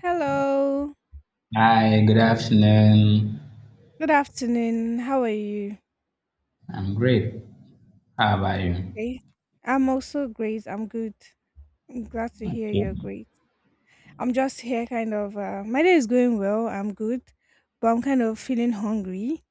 Hello. Hi, good afternoon. Good afternoon. How are you? I'm great. How about you? Okay. I'm also great. I'm good. I'm glad to hear Okay. you're So great. I'm just here kind of, my day is going well. I'm good, but I'm kind of feeling hungry.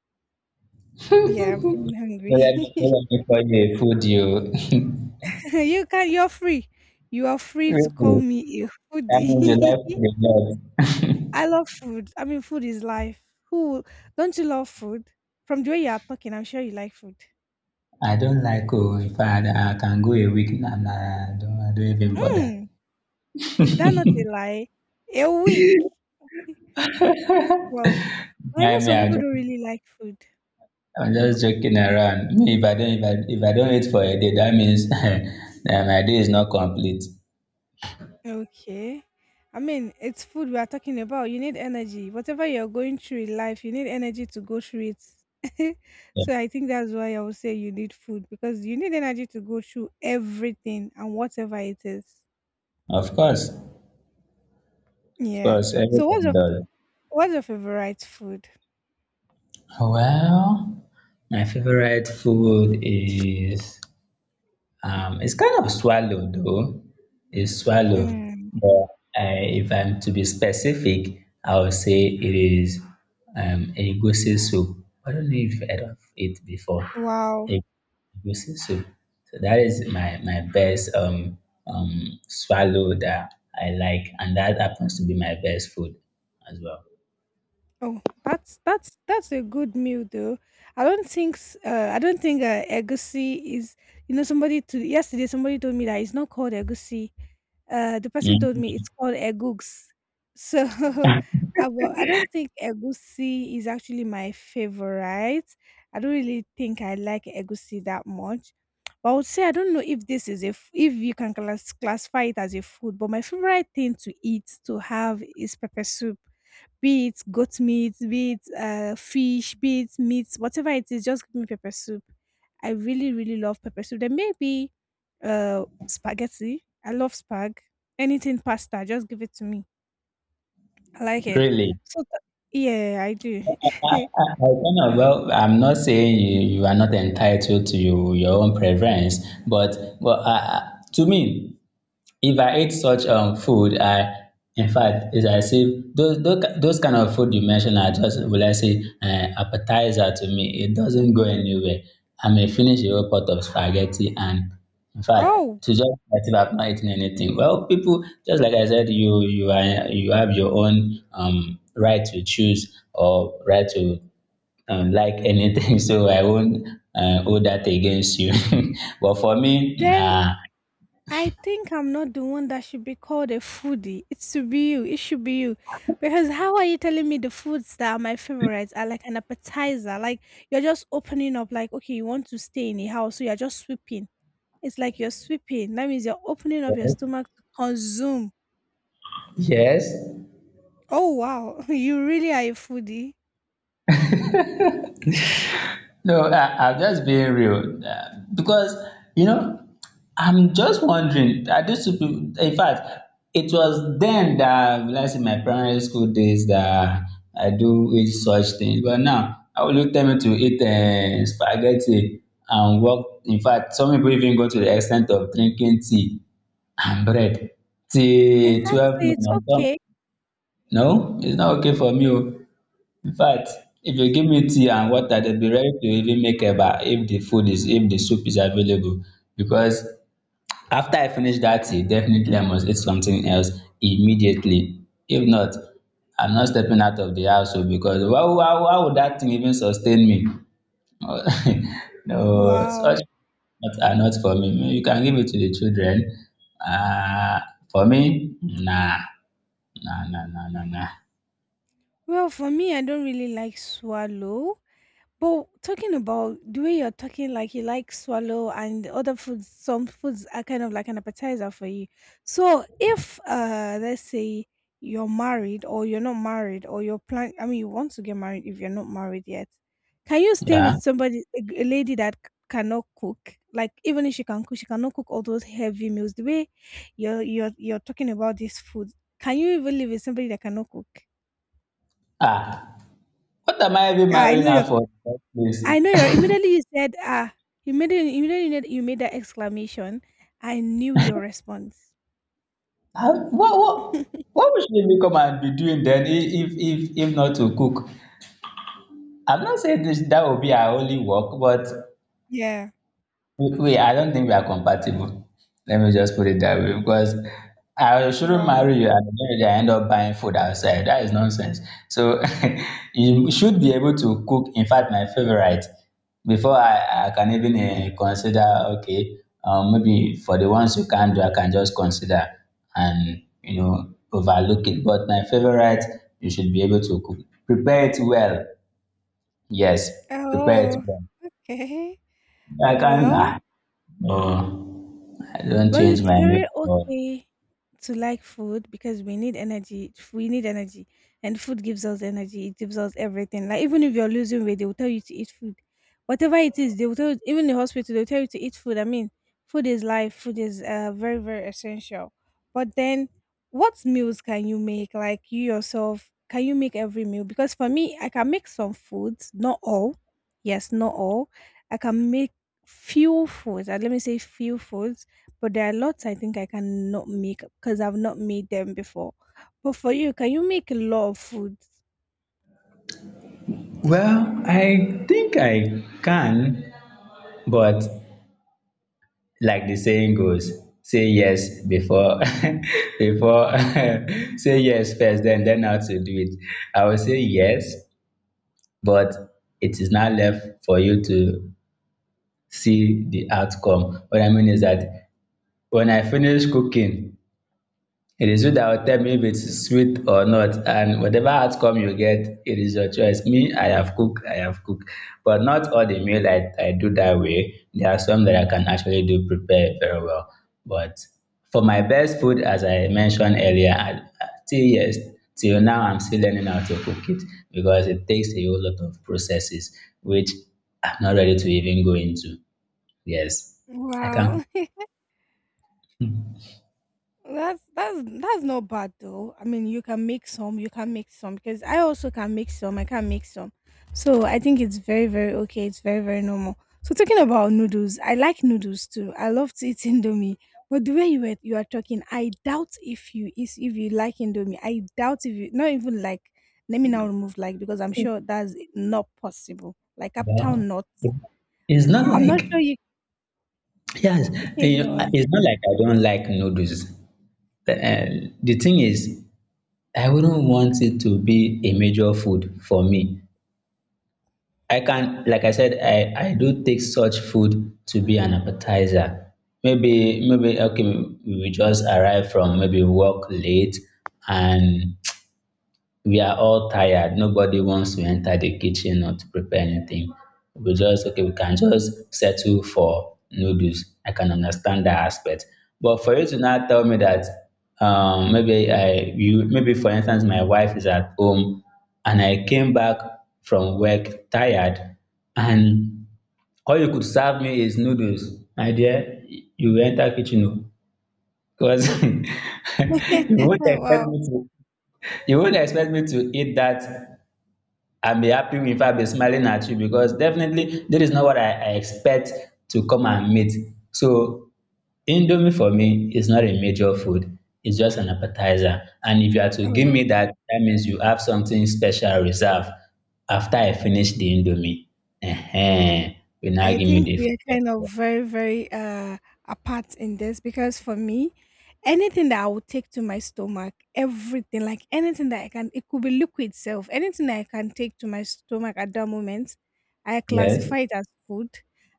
Yeah, I'm feeling hungry. Let me call you a food you. You're free. You are free to call Really? me a That means you like foodie. food a lot. I love food. I mean food is life. Who, don't you love food? From the way you are talking, I'm sure you like food. I don't like oh, in fact, I can go a week and I don't even bother. Mm, is that not a lie? A week. Well, Well, I know Mind me, some people don't really like food. I'm just joking around. Me, if I don't, if I don't eat for a day, that means that my day is not complete. Okay. I mean, it's food we are talking about. You need energy. Whatever you're going through in life, you need energy to go through it. Yeah. So I think that's why I would say you need food because you need energy to go through everything and whatever it is. Of course, of Yeah. course, So what's everyone your does. what's your favorite food? Well, my favorite food is it's kind of swallow though. It's swallow. Mm, But if I'm to be specific, I would say it is egusi soup. I don't know if you've heard of it before. wow. E- Egusi soup. So that is my best swallow that I like, and that happens to be my best food as well. Oh, that's a good meal though. I don't think egusi is. Somebody to Yesterday somebody told me that it's not called egusi. The person told me Mm. it's called egugs. So I don't think egusi is actually my favorite. I don't really think I like egusi that much. But I would say I don't know if this is if you can classify it as a food. But my favorite thing to have is pepper soup. Be it goat meat, be it fish, be it meat, whatever it is, just give me pepper soup. I really, really love pepper soup. Then maybe spaghetti. I love spag. Anything pasta, just give it to me. I like it. Really? So, yeah, I do. I I- I don't know. Well, I'm not saying you are not entitled to your own preference, but well, to me, if I eat such food, I in fact, it's as if those kind of food you mentioned are just will I say appetizer to me. It doesn't go anywhere. I may finish a whole pot of spaghetti, and in fact, Oh, to just that if I've not eaten anything. Well, people, just like I said, you have your own right to choose or right to like anything, so I won't hold that against you. But for me, then nah. I think I'm not the one that should be called a foodie. It should be you. It should be you. Because how are you telling me the foods that are my favorites are like an appetizer? Like you're just opening up, like, okay, you want to stay in a house, so you're just sweeping. It's like you're sweeping. That means you're opening up your stomach to consume. Yes. Oh, wow. You really are a foodie. No, I'm just being real because you know I'm just wondering. I used to, people? In fact, it was then that let's say my primary school days that I do eat such things. But now I will look them to eat spaghetti and walk. In fact, some people even go to the extent of drinking tea and bread till twelve Exactly. noon It's and some okay. no, it's not okay for me oh, infact, if you give me tea and water dem be ready to even make eba if the food is if the soup is available because after I finish that tea definitely I must eat something else immediately if not I'm not stepping out of the house oh because how would that thing even sustain me. No, no, Wow. such not are not for me. Maybe you can give it to the children. Ah, for me, nah. Well, for me, I don't really like swallow. But talking about the way you're talking, like you like swallow and the other foods, some foods are kind of like an appetizer for you. So if let's say you're married or you're not married or you're plan I mean you want to get married if you're not married yet, can you stay with Yeah. somebody, a lady that cannot cook? Like even if she can cook, she cannot cook all those heavy meals. The way you're talking about this food, can you even live with somebody that cannot cook? Ah, what am I even Yeah, I marrying know her you're for in the first I know place? you're immediately, you said ah, immediately you made that exclamation. I knew your response. How, what would she even come and be doing then if, if not to cook? I'm not saying this, that will be her only work, but Yeah. wait, I don't think we are compatible. Let me just put it that way because I shouldn't Wow. marry you and then I end up buying food outside. That is nonsense. So you should be able to cook. In fact, my favorite before I can even consider okay, maybe for the ones you can do, I can just consider and you know overlook it. But my favorite, you should be able to cook. Prepare it well. Yes, prepare it Oh, well. okay. I can. Well, Ah, no. I don't Well, change it's my very milk. okay to like food because we need energy. We need energy, and food gives us energy. It gives us everything. Like even if you're losing weight, they will tell you to eat food. Whatever it is, they will tell you, even the hospital they will tell you to eat food. I mean, food is life. Food is very very essential. But then, what meals can you make? Like you yourself, can you make every meal? Because for me, I can make some foods, not all. Yes, not all. I can make few foods. Let me say few foods, but there are lots I think I cannot make because I've not made them before. But for you, can you make a lot of food? Well, I think I can, but like the saying goes, say yes before before say yes first, then how to do it. I will say yes, but it is now left for you to see the outcome. What I mean is that when I finish cooking, it is you that will tell me if it is sweet or not and whatever outcome you get, it is your choice. Me, I have cooked. But not all the meal I do that way. There are some that I can actually do prepare very well. But for my best food, as I mentioned earlier, till now I'm still learning how to cook it because it takes a whole lot of processes which I'm not ready to even go into. Yes, I can. Wow. That's not bad though. I mean, you can make some because I also can make some, I can make some. So I think it's very very okay. It's very very normal. So talking about noodles, I like noodles too. I love to eat indomie. But the way you are talking, I doubt if you like indomie. I doubt if you not even like. Let me now remove like because I'm sure that's not possible. Like uptown Well, nuts. it's not I'm not like sure you. yes, Okay, you go know, on. it's not like I don't like noodles. The thing is, I wouldn't want it to be a major food for me. I can, like I said, I do take such food to be an appetizer. Maybe, okay, we just arrive from maybe work late and we are all tired. Nobody wants to enter the kitchen or to prepare anything. We just, okay, we can just settle for noodles. I can understand that aspect. But for you to now tell me that maybe maybe for instance, my wife is at home and I came back from work tired and all you could serve me is noodles. My dear, you will enter kitchen because Wow. You won't expect me to eat that. I'll be happy if I'll be smiling at you because definitely this is not what I expect to come and meet. So Indomie for me is not a major food. It's just an appetizer. And if you are to give Oh. me that, that means you have something special reserved after I finish the Indomie. Ehen, you now I give me think the we food. are kind of very, very apart in this because for me, anything that I would take to my stomach, everything, like anything that I can, it could be liquid itself, anything that I can take to my stomach at that moment, I Yes. classify it as food.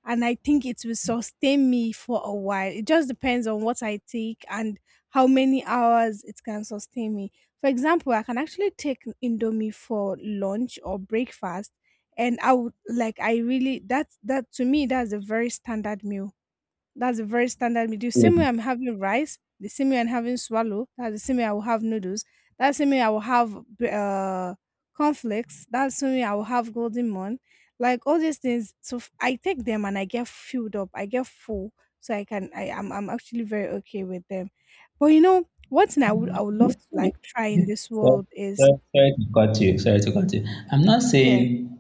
And I think it will sustain me for a while. It just depends on what I take and how many hours it can sustain me. For example, I can actually take Indomie for lunch or breakfast, and I would like I really that's that to me, that's a very standard meal. That's a very standard meal. The Sorry, same way I'm having rice, the same way I'm having swallow, that's the same way I will have noodles. That's the same way I will have conflicts. That's the same way I will have golden mon. Like all these things, so I take them and I get filled up. I get full, so I can. I am. I'm actually very okay with them. But you know, one thing I would love to like try in this sorry, world is. Sorry to cut you. Sorry to cut you. I'm not Yeah, saying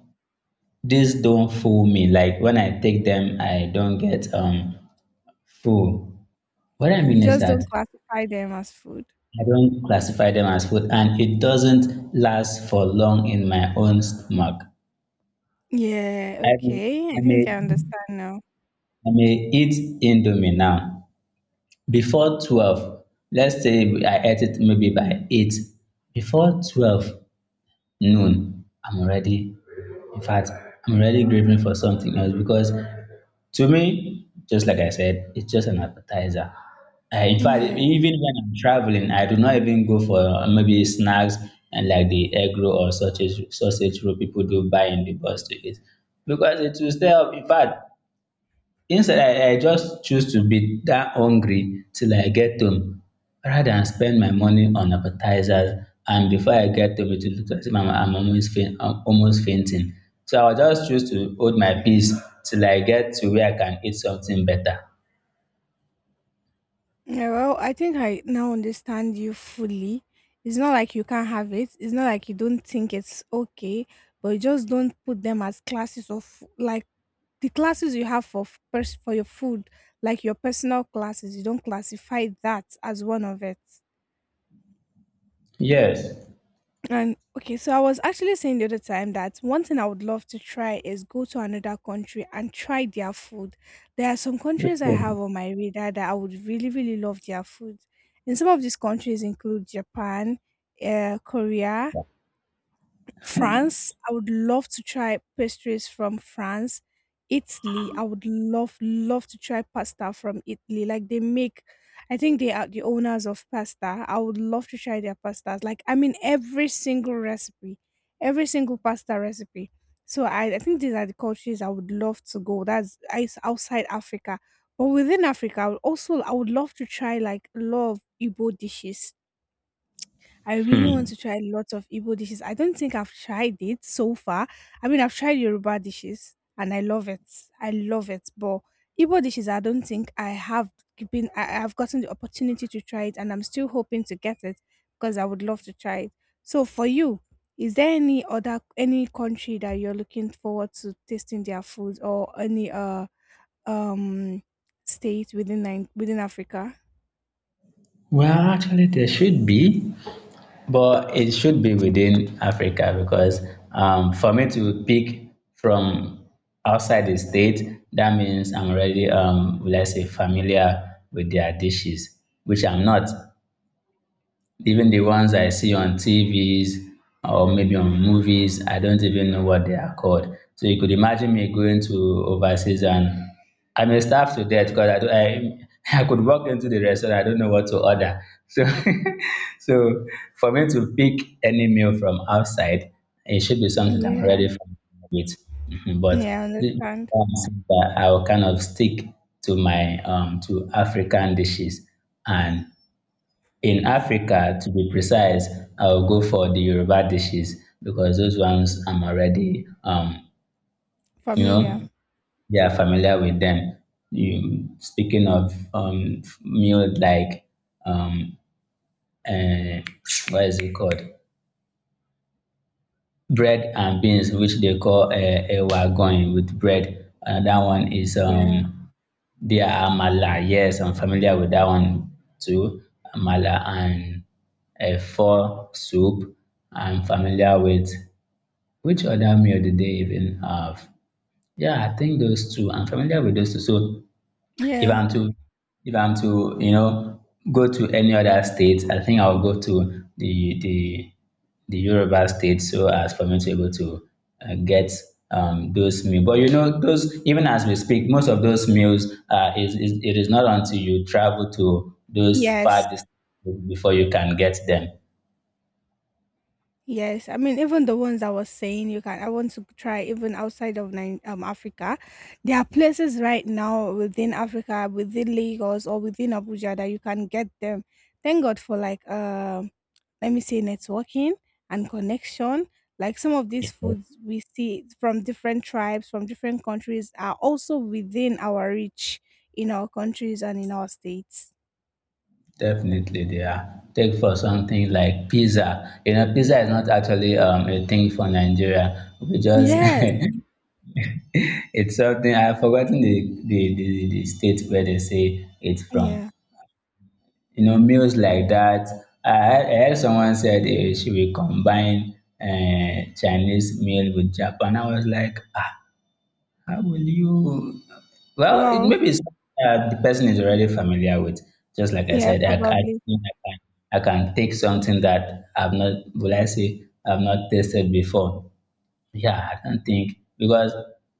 these don't fool me. Like when I take them, I don't get full. What I you mean is just that don't classify them as food. I don't classify them as food, and it doesn't last for long in my own stomach. Yeah, I may, okay. I I think may, I understand now. I may eat Indomie now. Before twelve, let's say I ate it maybe by eight. Before twelve, known, I'm already, in fact, I'm already grieving for something else because to me, just like I said, it's just an appetizer. In fact, Yeah. even when I'm traveling, I do not even go for maybe snacks and like the egg roll or sausage roll people do buy in the bus to eat because it will stay up. In fact, instead, I just choose to be that hungry till I get home rather than spend my money on appetizers. And before I get home, it will look as if I'm almost fainting. So I'll just choose to hold my peace till I get to where I can eat something better. Yeah, well, I think I now understand you fully. It's not like you can't have it. It's not like you don't think it's okay, but you just don't put them as classes of like the classes you have for for your food, like your personal classes. You don't classify that as one of it. Yes. And okay, so I was actually saying the other time that one thing I would love to try is go to another country and try their food. There are some countries I Hmm. have on my radar that I would really, really love their food. And some of these countries include Japan, Korea, France. I would love to try pastries from France. Italy, I would love, love to try pasta from Italy. Like they make, I think they are the owners of pasta. I would love to try their pastas. Like, I mean, every single recipe, every single pasta recipe. So I think these are the countries I would love to go. That's it's outside Africa. But within Africa, I would love to try like a lot of Igbo dishes. I really want to try lots of Igbo dishes. I don't think I've tried it so far. I mean, I've tried Yoruba dishes and I love it. I love it. But Igbo dishes, I don't think I have been, I, I've gotten the opportunity to try it, and I'm still hoping to get it because I would love to try it. So for you, is there any other, any country that you're looking forward to tasting their food, or any, um, state within Africa? Well, actually, there should be. But it should be within Africa because for me to pick from outside the state, that means I'm already, let's say, familiar with their dishes, which I'm not. Even the ones I see on TVs or maybe on movies, I don't even know what they are called. So you could imagine me going to overseas and I may starve to death because do I I could walk into the restaurant, I don't know what to order. So so for me to pick any meal from outside, it should be something that I'm Yeah. already familiar with. Mhm. But Yeah, I this is understand. why that I will kind of stick to my to African dishes and in Africa, to be precise, I will go for the Yoruba dishes because those ones I'm already, you Familiar. know, they are familiar with them. You, speaking of meal like, um, uh, what is it called? Bread and beans, which they call ewa going with bread. Another one is Yeah. They are amala, yes, I'm familiar with that one too. Amala and a four soup. I'm familiar with which other meal did they even have? Yeah, I think those two. I'm familiar with those two. So if Yeah. I'm to if I'm to you know go to any other state, I think I'll go to the Yoruba state so as for me to be able to get those meals. But you know, those even as we speak, most of those meals is it is not until you travel to those far Yes. distances before you can get them. Yes. I mean, even the ones I was saying, you can. I want to try even outside of Nine Africa. There are places right now within Africa, within Lagos or within Abuja, that you can get them. Thank God for like let me say networking and connection. Like some of these foods we see from different tribes, from different countries, are also within our reach in our countries and in our states. Definitely, they are. Take for something like pizza. You know, pizza is not actually a thing for Nigeria. We just Yes. it's something I have forgotten the state where they say it's from. Yeah. You know, meals like that. I heard someone said eh, she will combine Chinese meal with Japan. I was like, ah, how will you? Well, it Well. maybe it's the person is already familiar with. Just like I Yeah. said, Probably. think I can take something that I've not, will I say, I've not tasted before yeah, I don't think because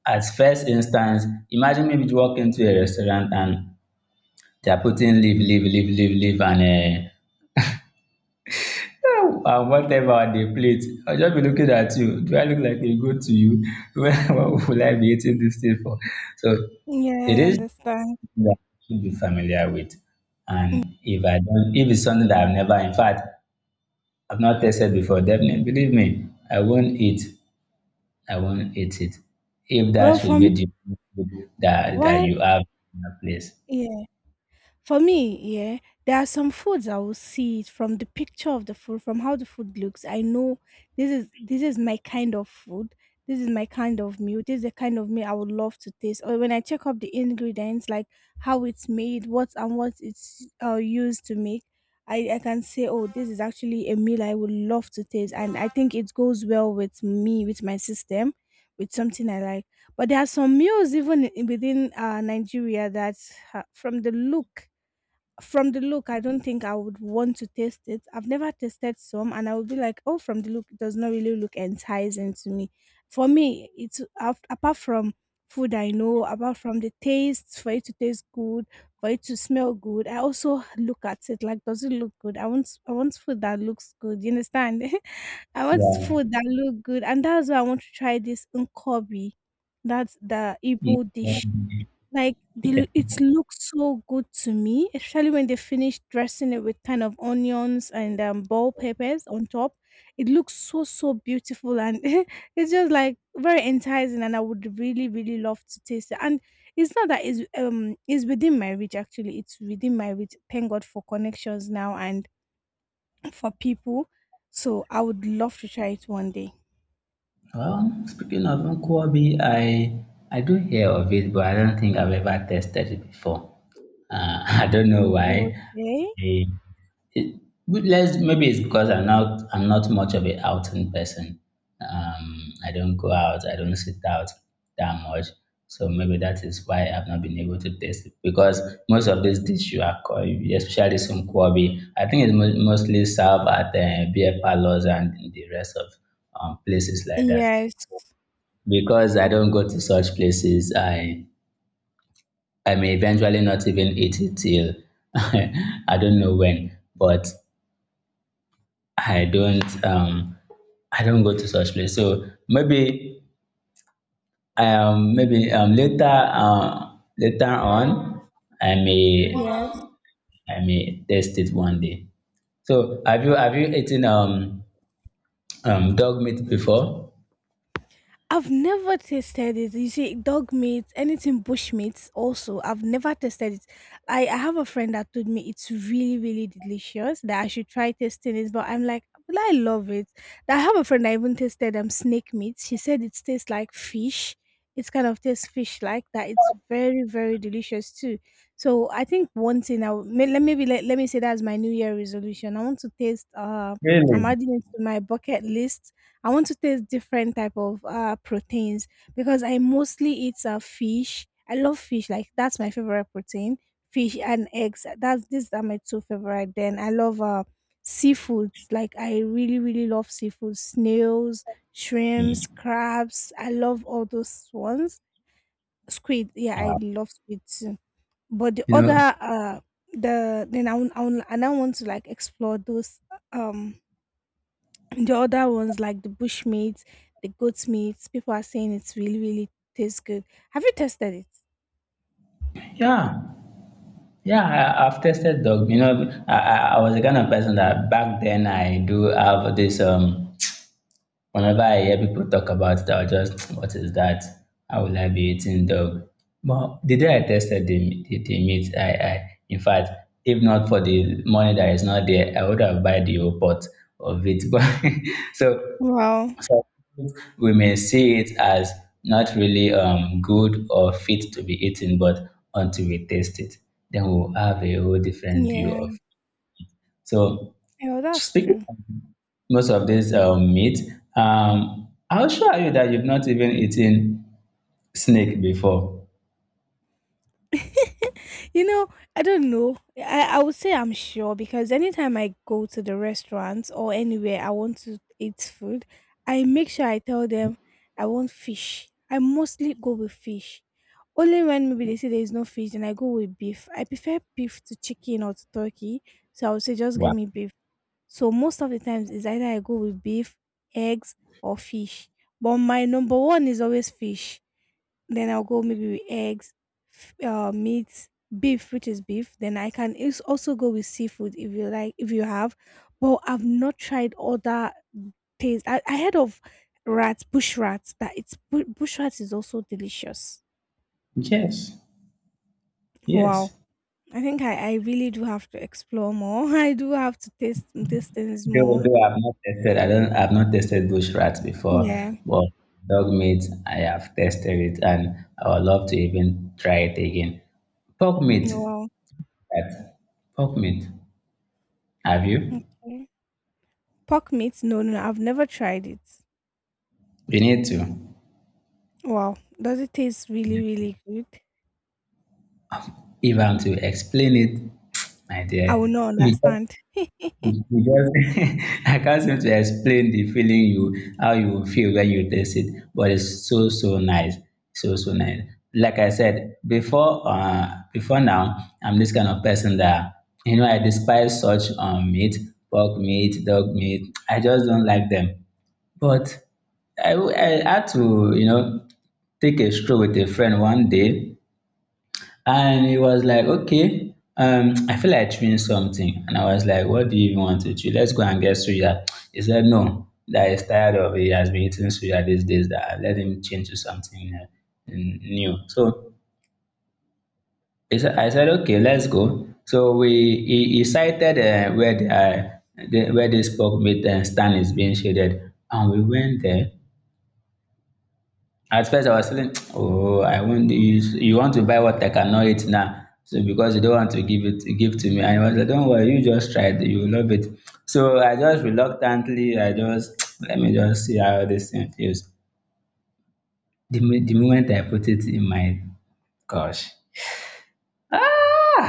at first instance, imagine maybe you walk into a restaurant and they are putting leaf, and whatever on the plate. I'll just be looking at you. Do I look like a goat to you? What will I be eating this thing for? So it Yeah, I is understand. something that I should be familiar with. Mm. And if I don't, if it's something that I've never, in fact, I've not tasted before, definitely believe me, I won't eat. I won't eat it. If that Well, for should me, be the food that why? you have in that place. Yeah, for me, yeah, there are some foods I will see it from the picture of the food, from how the food looks. I know this is my kind of food. This is my kind of meal. This is the kind of meal I would love to taste. Or when I check up the ingredients, like how it's made, what and what it's used to make, I can say, oh, this is actually a meal I would love to taste. And I think it goes well with me, with my system, with something I like. But there are some meals even within Nigeria that uh, from the look from the look, I don't think I would want to taste it. I've never tasted some, and I would be like, oh, from the look, it does not really look enticing to me. For me, it's apart from food I know, apart from the taste, for it to taste good, for it to smell good. I also look at it like, does it look good? I want food that looks good. You understand? I want Yeah. food that look good, and that's why I want to try this unkobi. That's the Igbo dish, like, Yeah. the it looks so good to me, especially when they finish dressing it with kind of onions and, bell peppers on top. It looks so, so beautiful, and it's just, like, very enticing, and I would really, really love to taste it. And it's not that it's within my reach, actually. It's within my reach. Thank God for connections now and for people. So I would love to try it one day. Well, speaking of nkwobi, I do hear of it, but I don't think I've ever tasted it before. I don't know why. Okay. I It, but let's, maybe it's because I'm not much of a outing person. I don't go out. I don't sit out that much. So maybe that is why I've not been able to taste it because most of these dishes you are called, especially some kwabi, I think it's mostly served at beer parlors and the rest of places like that. Yes. So because I don't go to such places, I may eventually not even eat it till I don't know when, but I don't um I don't go to such place. So maybe maybe later later on I may Yes. I may test it one day. So have you eaten dog meat before? I've never tasted it. You see, dog meat, anything bush meat, also, I've never tasted it. I have a friend that told me it's really, really delicious, that I should try tasting it, but I'm like, well, I love it. I have a friend that even tasted snake meat. She said it tastes like fish. It's kind of tastes fish like that. It's very, very delicious too. So I think one thing I would- may- let maybe let, let me say that's my New Year resolution. I want to taste. I'm Really? adding it to my bucket list. I want to taste different type of proteins because I mostly eat fish. I love fish, like that's my favorite protein. Fish and eggs. That's these are my two favorite. Then I love seafoods. Like, I really, really love seafood. Snails, shrimps, Mm. crabs. I love all those ones. Squid. Yeah, I Yeah. love squid too. But You know, the then I want to, like, explore those, um the other ones, like the bush meat, the goat meat. People are saying it's really, really tastes good. Have you tested it? yeah, yeah. I, I've tested dog. You know, I was the kind of person that back then I do have this whenever I hear people talk about it, I'll just, what is that? How will I be eating dog? But the day I tested the meat, I, in fact, if not for the money that is not there, I would have buy the whole pot of it. But so, Well, so we may see it as not really good or fit to be eaten, but until we taste it, then we'll have a whole different view yeah, of. So yeah, that's speaking true. most of this meat. I'll show you that you've not even eaten snake before. you know, I don't know. I would say I'm sure because anytime I go to the restaurant or anywhere I want to eat food, I make sure I tell them I want fish. I mostly go with fish. Only when maybe they say there is no fish, then I go with beef. I prefer beef to chicken or to turkey. So I would say just give Wow. me beef. So most of the times is either I go with beef, eggs, or fish. But my number one is always fish. Then I'll go maybe with eggs, meat, beef, which is beef. Then I can also go with seafood if you like, if you have. But I've not tried other taste. I heard of rats, bush rats. That bush rats is also delicious. Yes, Wow. yes. I think I really do have to explore more. I do have to taste these things more. Though I've not tested, I don't, I've not tested bush rats before, Yeah. but dog meat, I have tested it, and I would love to even try it again. Pork meat, Wow. that pork meat. Have you? Okay. Pork meat? No, no, no, I've never tried it. You need to. Wow. Does it taste really, really good? If I'm to explain it, my I will dear, not you understand. You you just I can't seem to explain the feeling you how you feel when you taste it, but it's so so nice, so so nice. Like I said before, before now, I'm this kind of person that you know I despise such meat, pork meat, dog meat. I just don't like them. But I had to you know take a stroll with a friend one day and he was like, okay, I feel like chewing something. And I was like, what do you even want to chew? Let's go and get suya. He said, no, that he's tired of it. He has been eating suya these days, that I let him change to something new. So he said, I said, okay, let's go. So we he cited where the where this pork meat stand is being shaded, and we went there. At first I was feeling oh, I won't you you want to buy what I cannot eat now. So because you don't want to give it give to me. And he was like, don't worry, you just try it, you will love it. So I just reluctantly, I just let me just see how this thing feels. The, the moment I put it in my gosh. Ah,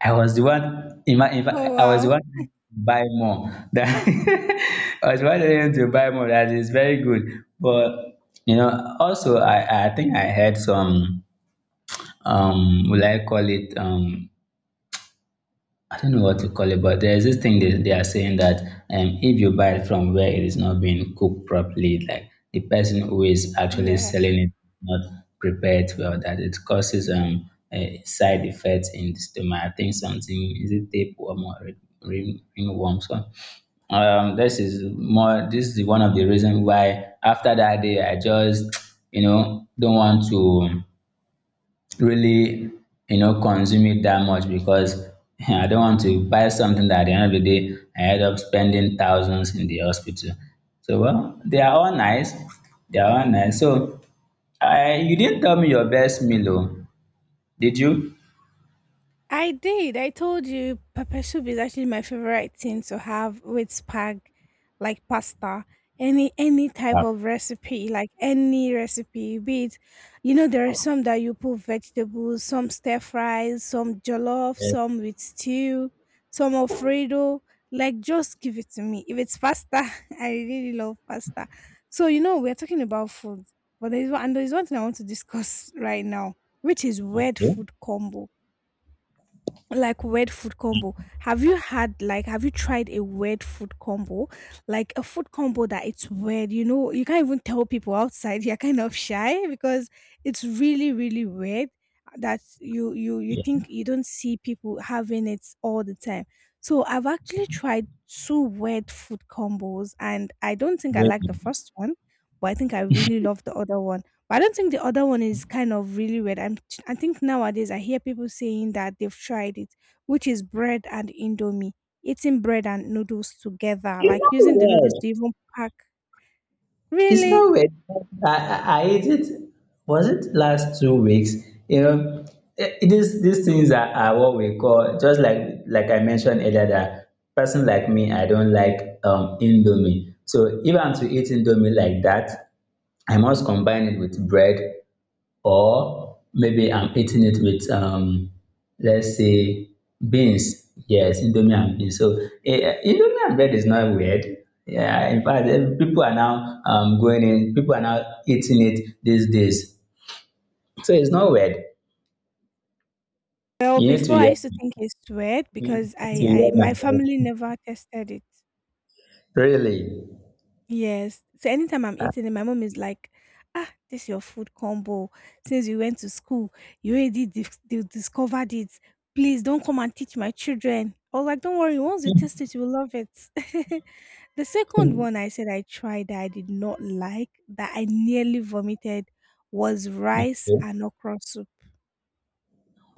I was the one. In Oh, fact, I was the wow. one to buy more. That I was wanting to buy more. That is very good. But you know, also I think I had some. Will I call it I don't know what to call it, but there's this thing they are saying that if you buy it from where it is not being cooked properly, like the person who is actually Yeah. selling it not prepared well, that it causes a side effects in the stomach. I think something is it tapeworm or ringworm. So this is more this is one of the reasons why after that day I just you know don't want to really you know consume it that much because I don't want to buy something that at the end of the day I end up spending thousands in the hospital. So well, they are all nice. They are all nice. So I you didn't tell me your best meal, oh, did you? I did. I told you pepper soup is actually my favorite thing to have with spag, like pasta, any type Ah, of recipe, like any recipe, be it, there are some that you put vegetables, some stir fries, some jollof, yes. some with stew, some Alfredo. Like, just give it to me. If it's pasta, I really love pasta. So, we're talking about food, but there's one thing I want to discuss right now, which is weird Okay. food combo, like weird food combo. Have you tried a weird food combo? Like a food combo that it's weird, you can't even tell people outside. You're kind of shy because it's really really weird that you think you don't see people having it all the time. So I've actually tried two weird food combos and I don't think I Very like the good. first one, but I think I really love the other one. But I don't think the other one is kind of really weird. I think nowadays I hear people saying that they've tried it, which is bread and indomie, eating bread and noodles together, It's like not using the noodles weird. to even pack. It's Really? not weird. I, I ate it. Was it last 2 weeks? You know, eh, these things are what we call just like I mentioned earlier that person like me, I don't like indomie. So if I'm to eat indomie like that, I must combine it with bread or maybe I'm eating it with, let's say, beans. Yes, indomie and beans. So eh, eh, indomie and bread is not weird. Yeah, in fact, eh, people are now going in, people are now eating it these days. So it's not weird. Well, You need to before I hear, used to think it's weird you because need to I hear my my voice. family never tested it. Really? Yes. So anytime I'm Ah, eating it, my mom is like, "Ah, this your food combo. Since you went to school, you already you discovered it. Please don't come and teach my children." I was like, "Don't worry. Once you taste it, you will love it." The second one I said I tried that I did not like that I nearly vomited was rice okay. and okra soup.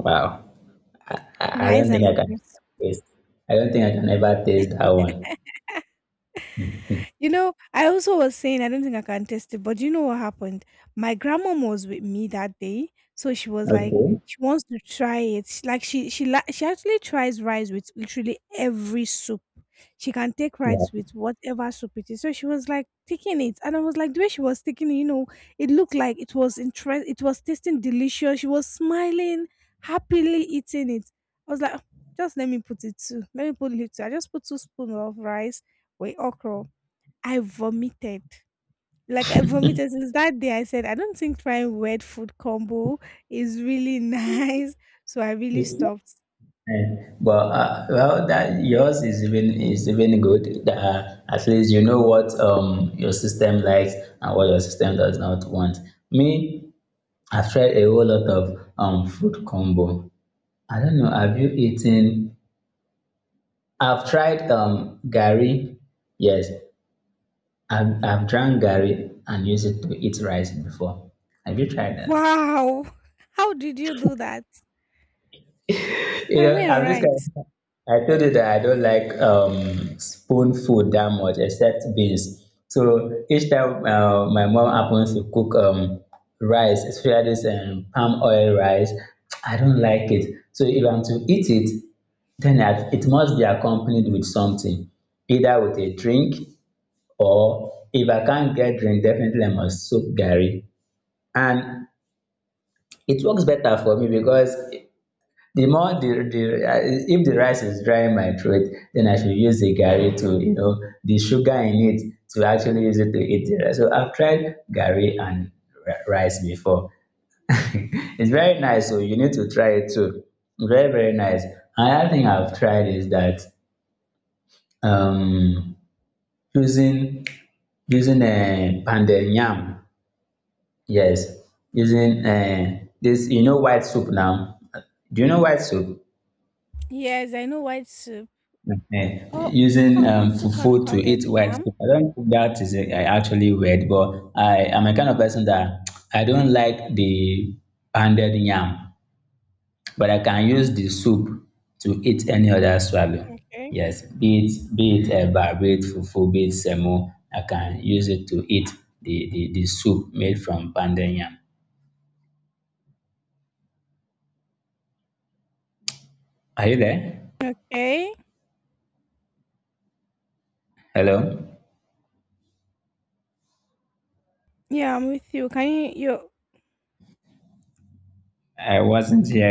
Wow. I, I Rice don't think and I can okra soup. taste. I don't think I can ever taste that one. I also was saying, I don't think I can test it, but do you know what happened? My grandmom was with me that day, so she was like, Okay. she wants to try it. Like she actually tries rice with literally every soup. She can take Yeah. rice with whatever soup it is. So she was like taking it, and I was like the way she was taking it. It looked like it was interest. It was tasting delicious. She was smiling, happily eating it. I was like, "Ah, just let me put it too. Let me put it too. I just put two spoons of rice with okra I vomited." Like I vomited since that day. I said I don't think trying wet food combo is really nice, so I really It's stopped. right. Well, well, that yours is even good. That at least you know what your system likes and what your system does not want. Me, I've tried a whole lot of food combo. I don't know. Have you eaten? I've tried gari. Yes, I've drank gari and used it to eat rice before. Have you tried that? Wow, how did you do that? You I know, mean, I'm just kind rice. of, I told you that I don't like spoon food that much except beans. So each time my mom happens to cook rice, especially this palm oil rice, I don't like it. So if I'm to eat it, then I- it must be accompanied with something, either with a drink or if I can't get drink, definitely I must soak gari. And it works better for me because the more the if the rice is dry in my throat, then I should use the gari to you know the sugar in it to actually use it to eat the rice. So I've tried gari and rice before. It's very nice, so you need to try it too. Very very nice. Another thing I've tried is that um using using a pounded yam. Yes, using this you know white soup now. Do you know white soup? Yes, I know white soup, Okay. but Using white soup fufu and to eat pounded white yam. soup. I don't think that is actually weird, but I am a kind of person that I don't like the pounded yam, but I can use the soup to eat any other swallow. Okay. Yes, be it eba, be it fufu, be it semo, I can use it to eat the soup made from pounded yam. Are you there? Okay. Hello? Yeah, I'm with you. Can you I wasn't here.